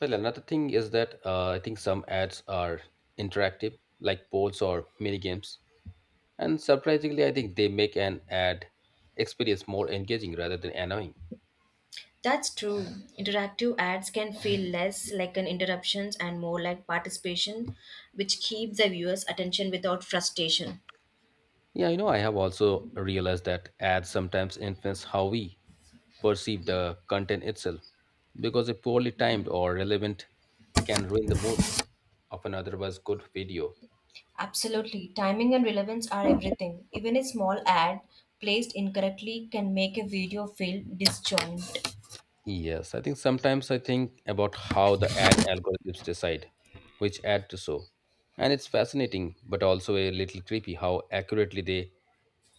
Well, another thing is that I think some ads are interactive, like polls or mini games. And surprisingly, I think they make an ad experience more engaging rather than annoying. That's true. Interactive ads can feel less like an interruptions and more like participation, which keeps the viewer's attention without frustration. Yeah, you know, I have also realized that ads sometimes influence how we perceive the content itself because a poorly timed or relevant can ruin the mood of an otherwise good video. Absolutely. Timing and relevance are everything. Even a small ad placed incorrectly can make a video feel disjoint. Yes, I think sometimes I think about how the ad algorithms decide which ad to show. And it's fascinating, but also a little creepy how accurately they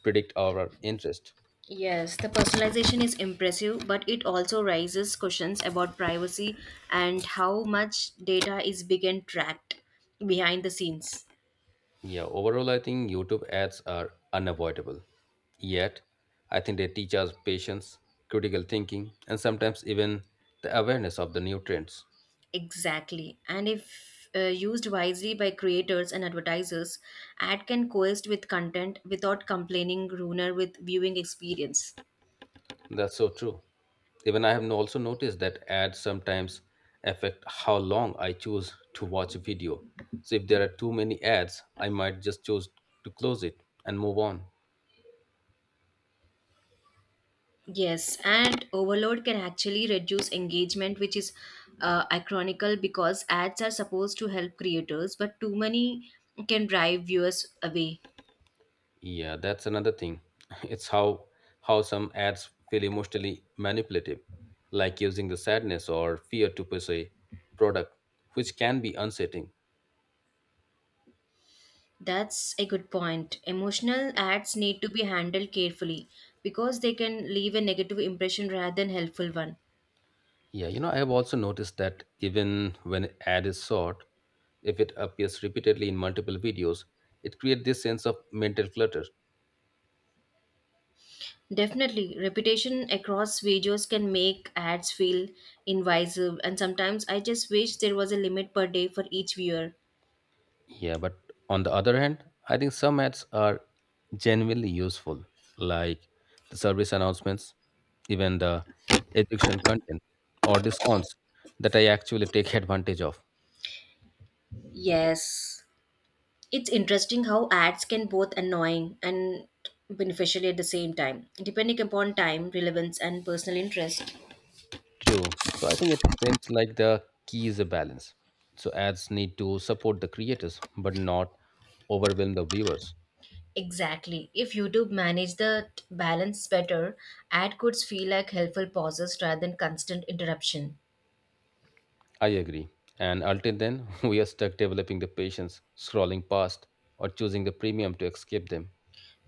predict our interest. Yes, the personalization is impressive, but it also raises questions about privacy and how much data is being tracked behind the scenes. Yeah, overall, I think YouTube ads are unavoidable. Yet, I think they teach us patience, critical thinking, and sometimes even the awareness of the new trends. Exactly. And if used wisely by creators and advertisers, ad can coexist with content without complaining ruiner with viewing experience. That's so true. Even I have no- also noticed that ads sometimes affect how long I choose to watch a video. So if there are too many ads, I might just choose to close it and move on. Yes, and overload can actually reduce engagement, which is ironical because ads are supposed to help creators, but too many can drive viewers away. Yeah, that's another thing. It's how some ads feel emotionally manipulative, like using the sadness or fear to push a product, which can be unsettling. That's a good point. Emotional ads need to be handled carefully because they can leave a negative impression rather than helpful one. Yeah, you know, I have also noticed that even when an ad is short, if it appears repeatedly in multiple videos, it creates this sense of mental clutter. Definitely, reputation across videos can make ads feel invasive, and sometimes I just wish there was a limit per day for each viewer. Yeah, but on the other hand, I think some ads are genuinely useful, like the service announcements, even the education content or discounts that I actually take advantage of. Yes, it's interesting how ads can both annoying and beneficial at the same time, depending upon time, relevance, and personal interest. True. So I think it seems like the key is a balance. So ads need to support the creators, but not overwhelm the viewers. Exactly. If YouTube managed the balance better, ad could feel like helpful pauses rather than constant interruption. I agree. And until then, we are stuck developing the patience, scrolling past, or choosing the premium to escape them.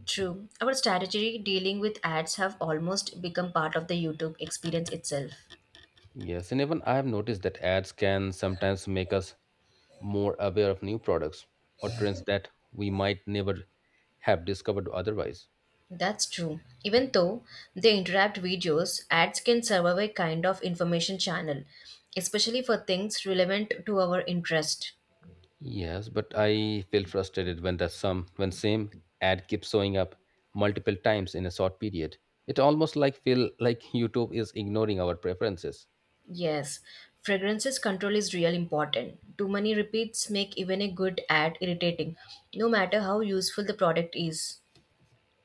True. Our strategy dealing with ads have almost become part of the YouTube experience itself. Yes, and even I have noticed that ads can sometimes make us more aware of new products or trends that we might never have discovered otherwise. That's true. Even though they interrupt videos, ads can serve a kind of information channel, especially for things relevant to our interest. Yes, but I feel frustrated when the some when same ad keeps showing up multiple times in a short period. It almost like feel like YouTube is ignoring our preferences. Yes, fragrances control is real important. Too many repeats make even a good ad irritating, no matter how useful the product is.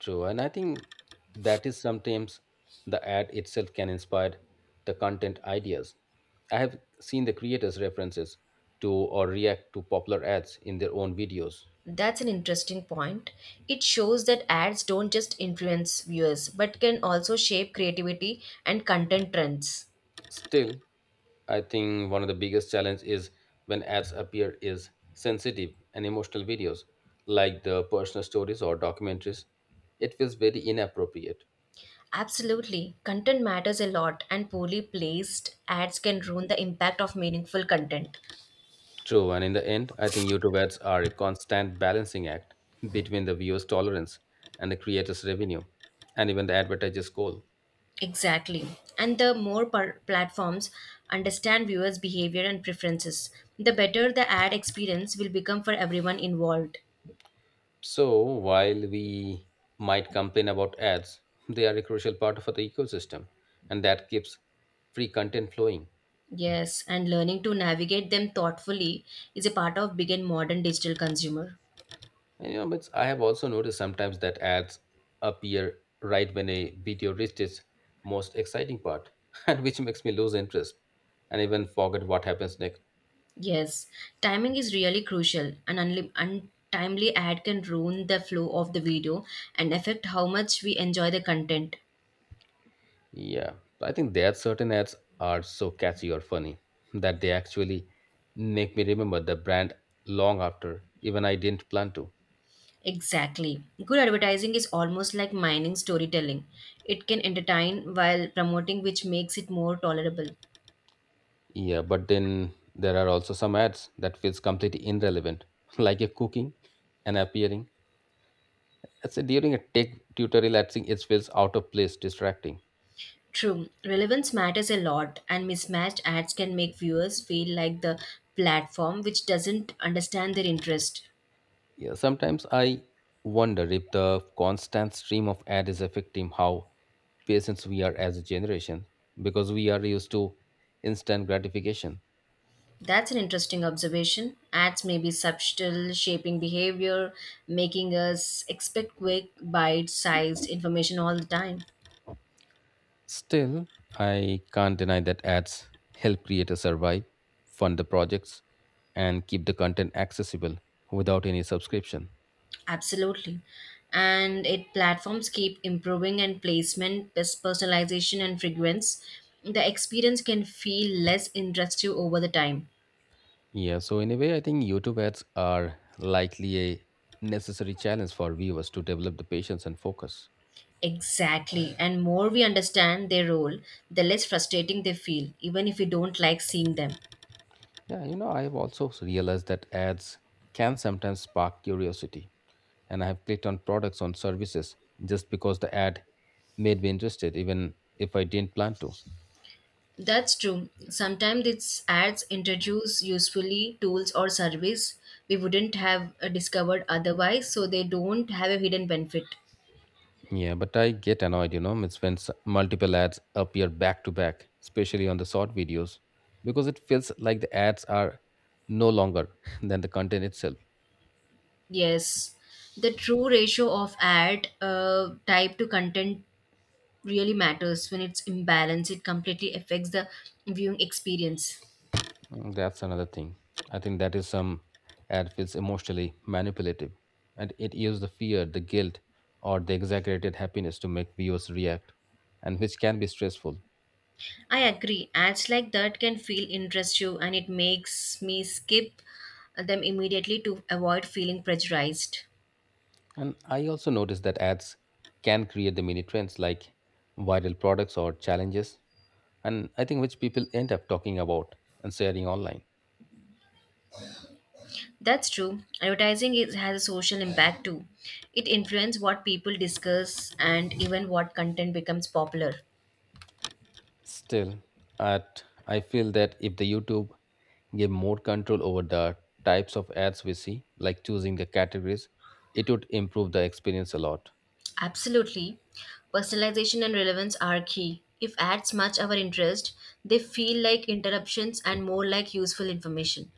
True, and I think that is sometimes the ad itself can inspire the content ideas. I have seen the creators references to or react to popular ads in their own videos. That's an interesting point. It shows that ads don't just influence viewers, but can also shape creativity and content trends. Still, I think one of the biggest challenge is when ads appear is sensitive and emotional videos like the personal stories or documentaries. It feels very inappropriate. Absolutely. Content matters a lot, and poorly placed ads can ruin the impact of meaningful content. True, and in the end, I think YouTube ads are a constant balancing act between the viewer's tolerance and the creator's revenue, and even the advertiser's goal. Exactly. And the more platforms understand viewers' behavior and preferences, the better the ad experience will become for everyone involved. So, while we might complain about ads, they are a crucial part of the ecosystem, and that keeps free content flowing. Yes, and learning to navigate them thoughtfully is a part of big and modern digital consumer. And, you know, but I have also noticed sometimes that ads appear right when a video reaches its most exciting part, and which makes me lose interest and even forget what happens next. Yes, timing is really crucial. An untimely ad can ruin the flow of the video and affect how much we enjoy the content. Yeah, I think there are certain ads are so catchy or funny that they actually make me remember the brand long after even I didn't plan to. Exactly. Good advertising is almost like mining storytelling. It can entertain while promoting, which makes it more tolerable. Yeah, but then there are also some ads that feels completely irrelevant, like a cooking and appearing. I us say during a tech tutorial, I think it feels out of place, distracting. True, relevance matters a lot, and mismatched ads can make viewers feel like the platform which doesn't understand their interest. Yeah, sometimes I wonder if the constant stream of ad is affecting how patient we are as a generation because we are used to instant gratification. That's an interesting observation. Ads may be subtle, shaping behavior, making us expect quick, bite sized information all the time. Still, I can't deny that ads help creators survive, fund the projects, and keep the content accessible without any subscription. Absolutely. And it platforms keep improving and placement, personalization, and frequency. The experience can feel less intrusive over the time. Yeah, so in a way, I think YouTube ads are likely a necessary challenge for viewers to develop the patience and focus. Exactly. And more we understand their role, the less frustrating they feel, even if we don't like seeing them. Yeah, you know, I have also realized that ads can sometimes spark curiosity, and I have clicked on products on services just because the ad made me interested, even if I didn't plan to. That's true. Sometimes its ads introduce usefully tools or service we wouldn't have discovered otherwise, so they don't have a hidden benefit. Yeah, but I get annoyed, you know, it's when s- multiple ads appear back to back, especially on the short videos, because it feels like the ads are no longer than the content itself. Yes, the true ratio of ad type to content really matters. When it's imbalanced, it completely affects the viewing experience. Mm, that's another thing. I think that is some ad feels emotionally manipulative, and it uses the fear, the guilt, or the exaggerated happiness to make viewers react, and which can be stressful. I agree. Ads like that can feel interest you, and it makes me skip them immediately to avoid feeling pressurized. And I also noticed that ads can create the mini trends like viral products or challenges, and I think which people end up talking about and sharing online. That's true. Advertising is, has a social impact too. It influences what people discuss and even what content becomes popular. Still, at I feel that if the YouTube gave more control over the types of ads we see, like choosing the categories, it would improve the experience a lot. Absolutely. Personalization and relevance are key. If ads match our interest, they feel like interruptions and more like useful information.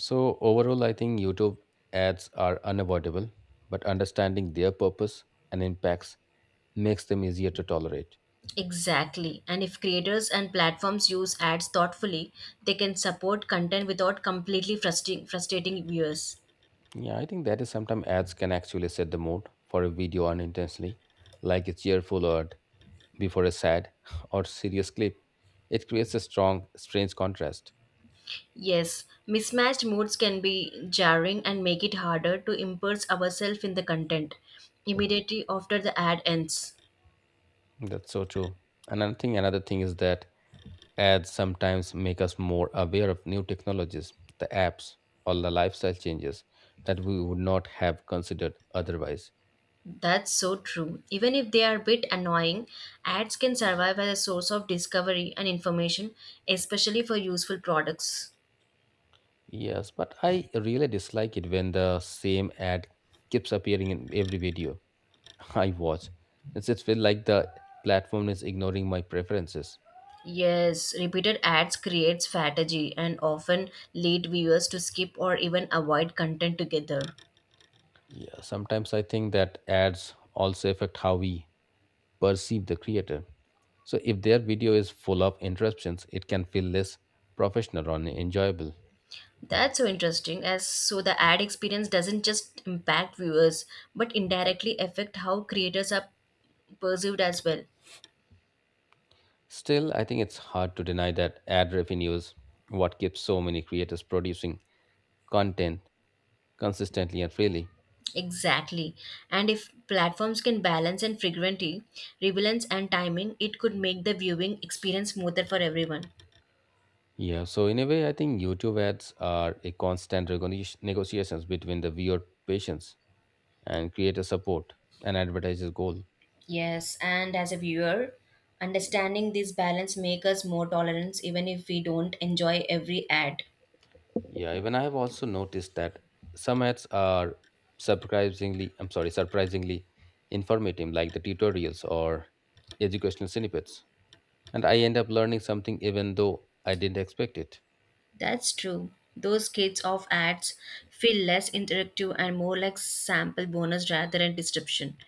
So overall, I think YouTube ads are unavoidable, but understanding their purpose and impacts makes them easier to tolerate. Exactly. And if creators and platforms use ads thoughtfully, they can support content without completely frustrating viewers. Yeah, I think that is sometimes ads can actually set the mood for a video unintentionally, like a cheerful ad before a sad or serious clip. It creates a strong, strange contrast. Yes, mismatched moods can be jarring and make it harder to immerse ourselves in the content immediately after the ad ends. That's so true. Another thing is that ads sometimes make us more aware of new technologies, the apps, or the lifestyle changes that we would not have considered otherwise. That's so true. Even if they are a bit annoying, ads can survive as a source of discovery and information, especially for useful products. Yes, but I really dislike it when the same ad keeps appearing in every video I watch. It feel like the platform is ignoring my preferences. Yes, repeated ads create fatigue and often lead viewers to skip or even avoid content together. Yeah, sometimes I think that ads also affect how we perceive the creator. So if their video is full of interruptions, it can feel less professional or enjoyable. That's so interesting, as so the ad experience doesn't just impact viewers, but indirectly affect how creators are perceived as well. Still, I think it's hard to deny that ad revenue is what keeps so many creators producing content consistently and freely. Exactly. And if platforms can balance and frequency, relevance and timing, it could make the viewing experience smoother for everyone. Yeah, so in a way, I think YouTube ads are a constant recognition- negotiations between the viewer patience and create a support and advertise a goal. Yes, and as a viewer, understanding this balance make us more tolerant even if we don't enjoy every ad. Yeah, even I have also noticed that some ads are surprisingly, I'm sorry, surprisingly informative, like the tutorials or educational snippets. And I end up learning something even though I didn't expect it. That's true. Those kids of ads feel less interactive and more like sample bonus rather than disruption.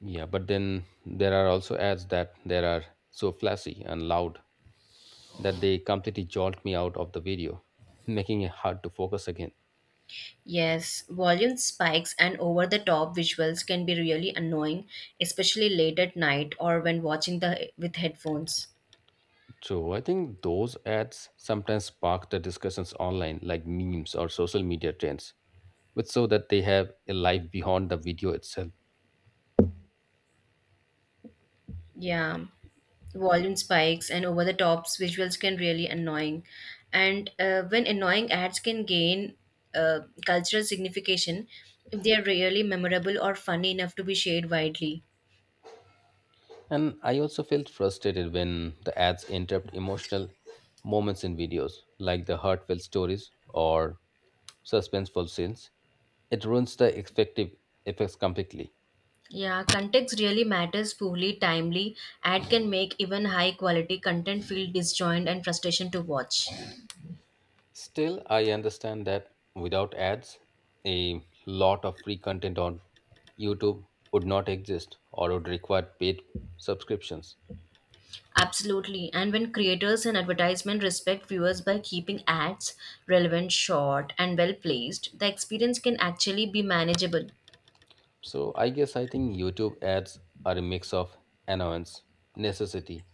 Yeah, but then there are also ads that there are so flashy and loud that they completely jolt me out of the video, making it hard to focus again. Yes, volume spikes and over the top visuals can be really annoying, especially late at night or when watching the with headphones. True. I think those ads sometimes spark the discussions online, like memes or social media trends, which show that they have a life beyond the video itself. Yeah, volume spikes and over the tops visuals can really annoying. And when annoying ads can gain uh, cultural signification if they are really memorable or funny enough to be shared widely. And I also felt frustrated when the ads interrupt emotional moments in videos, like the heartfelt stories or suspenseful scenes. It ruins the effective effects completely. Yeah, context really matters fully timely. Ad can make even high quality content feel disjoined and frustration to watch. Still, I understand that without ads, a lot of free content on YouTube would not exist or would require paid subscriptions. Absolutely. And when creators and advertisement respect viewers by keeping ads relevant, short, and well placed, the experience can actually be manageable. So, I guess I think YouTube ads are a mix of annoyance, necessity,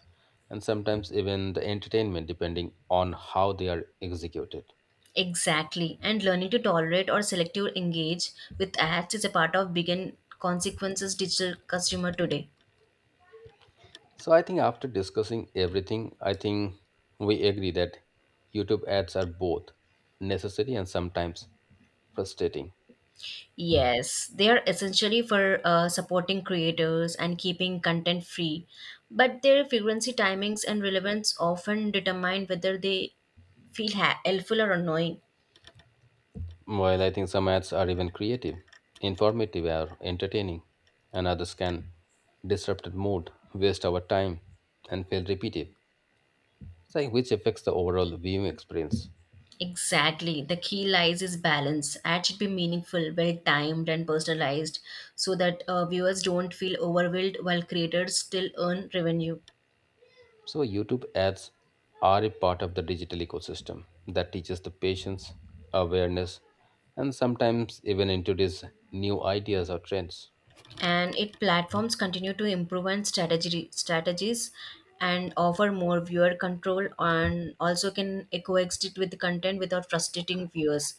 and sometimes even the entertainment, depending on how they are executed. Exactly. And learning to tolerate or selectively engage with ads is a part of big and consequences digital consumer today. So, I think after discussing everything, I think we agree that YouTube ads are both necessary and sometimes frustrating. Yes, they are essentially for supporting creators and keeping content free, but their frequency, timings, and relevance often determine whether they feel helpful or annoying. While I think some ads are even creative, informative, or entertaining, and others can disrupt the mood, waste our time, and feel repetitive, so which affects the overall viewing experience. Exactly, the key lies is balance. Ad should be meaningful, well timed, and personalized so that viewers don't feel overwhelmed while creators still earn revenue. So, YouTube ads are a part of the digital ecosystem that teaches the patience, awareness, and sometimes even introduce new ideas or trends. And it platforms continue to improve on strategy strategies and offer more viewer control and also can coexist with the content without frustrating viewers,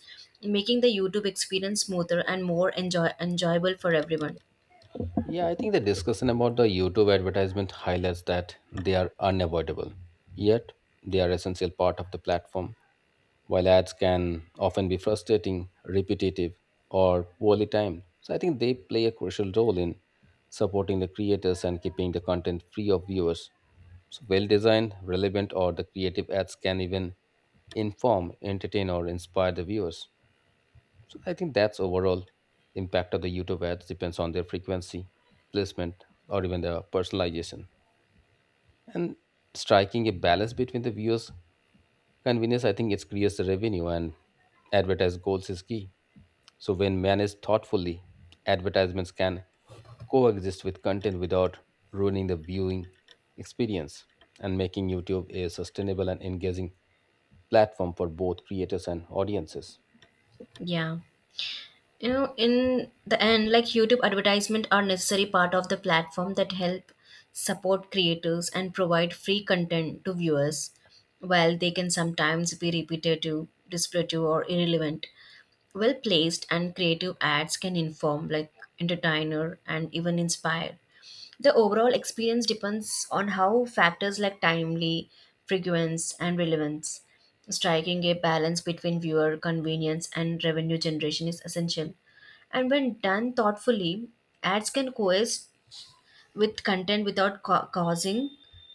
making the YouTube experience smoother and more enjoyable for everyone. Yeah, I think the discussion about the YouTube advertisement highlights that they are unavoidable, yet they are essential part of the platform while ads can often be frustrating, repetitive, or poorly timed. So I think they play a crucial role in supporting the creators and keeping the content free of viewers. So well designed, relevant, or the creative ads can even inform, entertain, or inspire the viewers. So I think that's overall impact of the YouTube ads depends on their frequency, placement, or even the personalization. And striking a balance between the viewers' convenience, I think, it creates the revenue and advertise goals is key. So when managed thoughtfully, advertisements can coexist with content without ruining the viewing experience and making YouTube a sustainable and engaging platform for both creators and audiences. Yeah, you know, in the end, like, YouTube advertisement are necessary part of the platform that help support creators and provide free content to viewers. While they can sometimes be repetitive, descriptive, or irrelevant, well placed and creative ads can inform, like, entertainer and even inspire. The overall experience depends on how factors like timely frequency and relevance. Striking a balance between viewer convenience and revenue generation is essential, and when done thoughtfully, ads can coexist with content without causing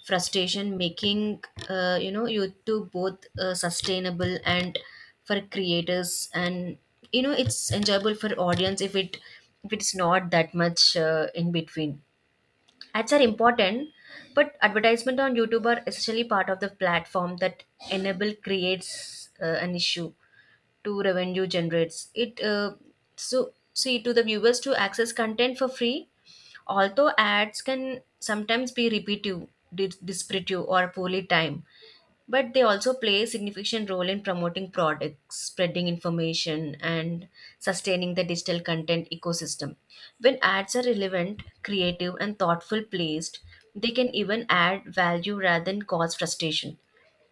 frustration, making, you know, YouTube both sustainable and for creators, and, you know, it's enjoyable for audience if it, if it's not that much in between. Ads are important, but advertisement on YouTube are essentially part of the platform that enable creates an issue to revenue generates it, so see to the viewers to access content for free. Although ads can sometimes be repetitive, descriptive or poorly timed, but they also play a significant role in promoting products, spreading information, and sustaining the digital content ecosystem. When ads are relevant, creative, and thoughtful placed, they can even add value rather than cause frustration.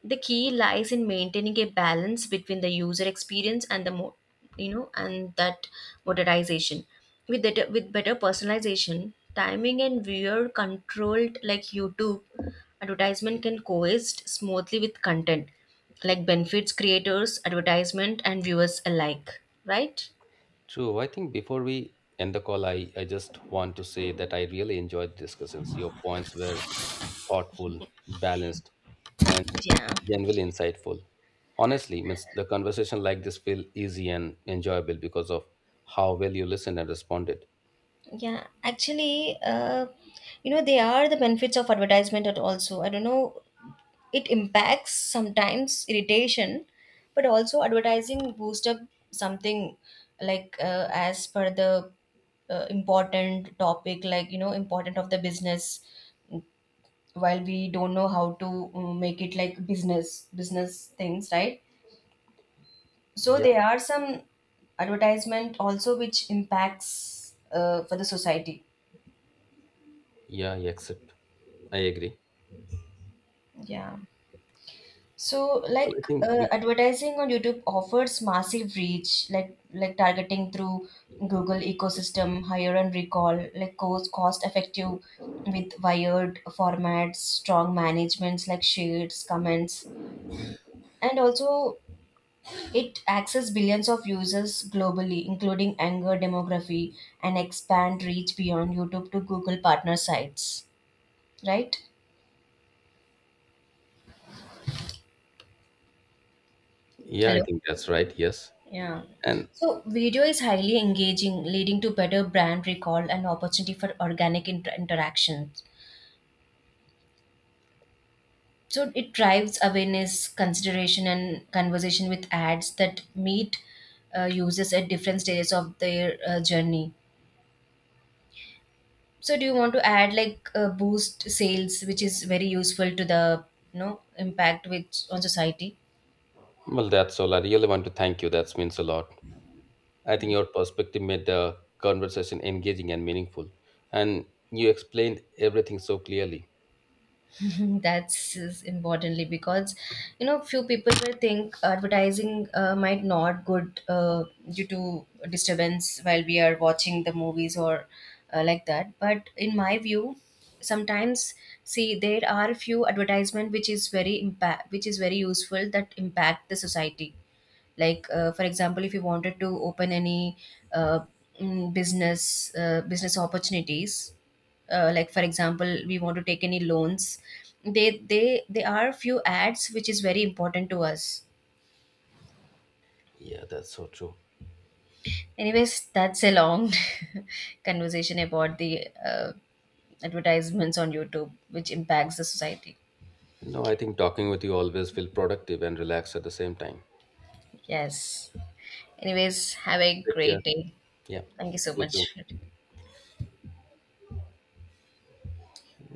The key lies in maintaining a balance between the user experience and the you know, and that modernization with with better personalization timing and viewer controlled, like YouTube advertisement can coexist smoothly with content, like benefits creators advertisement and viewers alike, right? True. I think before we end the call, I just want to say that I really enjoyed the discussions. Your points were thoughtful, balanced, and Yeah. genuinely insightful. Honestly, means the conversation like this feel easy and enjoyable because of how well you listened and responded. Yeah, actually, you know, they are the benefits of advertisement at also, I don't know, it impacts sometimes irritation, but also advertising boost up something, like, as per the important topic, like, you know, important of the business, while we don't know how to make it like business things, right? So Yeah, there are some advertisement also which impacts for the society. yeah, I accept. I agree. Yeah. So, Well, I like, think we. advertising on YouTube offers massive reach, like targeting through Google ecosystem, higher and recall, like cost effective with wired formats, strong managements like shares, comments, and also it access billions of users globally, including anger demography, and expand reach beyond YouTube to Google partner sites. Right? Yeah, I Hello. think that's right. Yes, Yeah. and So video is highly engaging, leading to better brand recall and opportunity for organic interactions. So it drives awareness, consideration, and conversation with ads that meet users at different stages of their journey. So do you want to add like boost sales, which is very useful to the, you know, impact which on society? well, that's all. I really want to thank you. That means a lot. I think your perspective made the conversation engaging and meaningful. And you explained everything so clearly. That's is importantly because, you know, few people will think advertising might not good due to disturbance while we are watching the movies or like that. But in my view, sometimes see there are few advertisement which is very impact which is very useful that impact the society, like for example if you wanted to open any uh, business opportunities, like for example we want to take any loans, they are few ads which is very important to us. Yeah, that's so true. Anyways, that's a long conversation about the advertisements on YouTube which impacts the society. No, I think talking with you always feel productive and relaxed at the same time. Yes, anyways, have a Take care. great day. Yeah, Thank you so you much. too.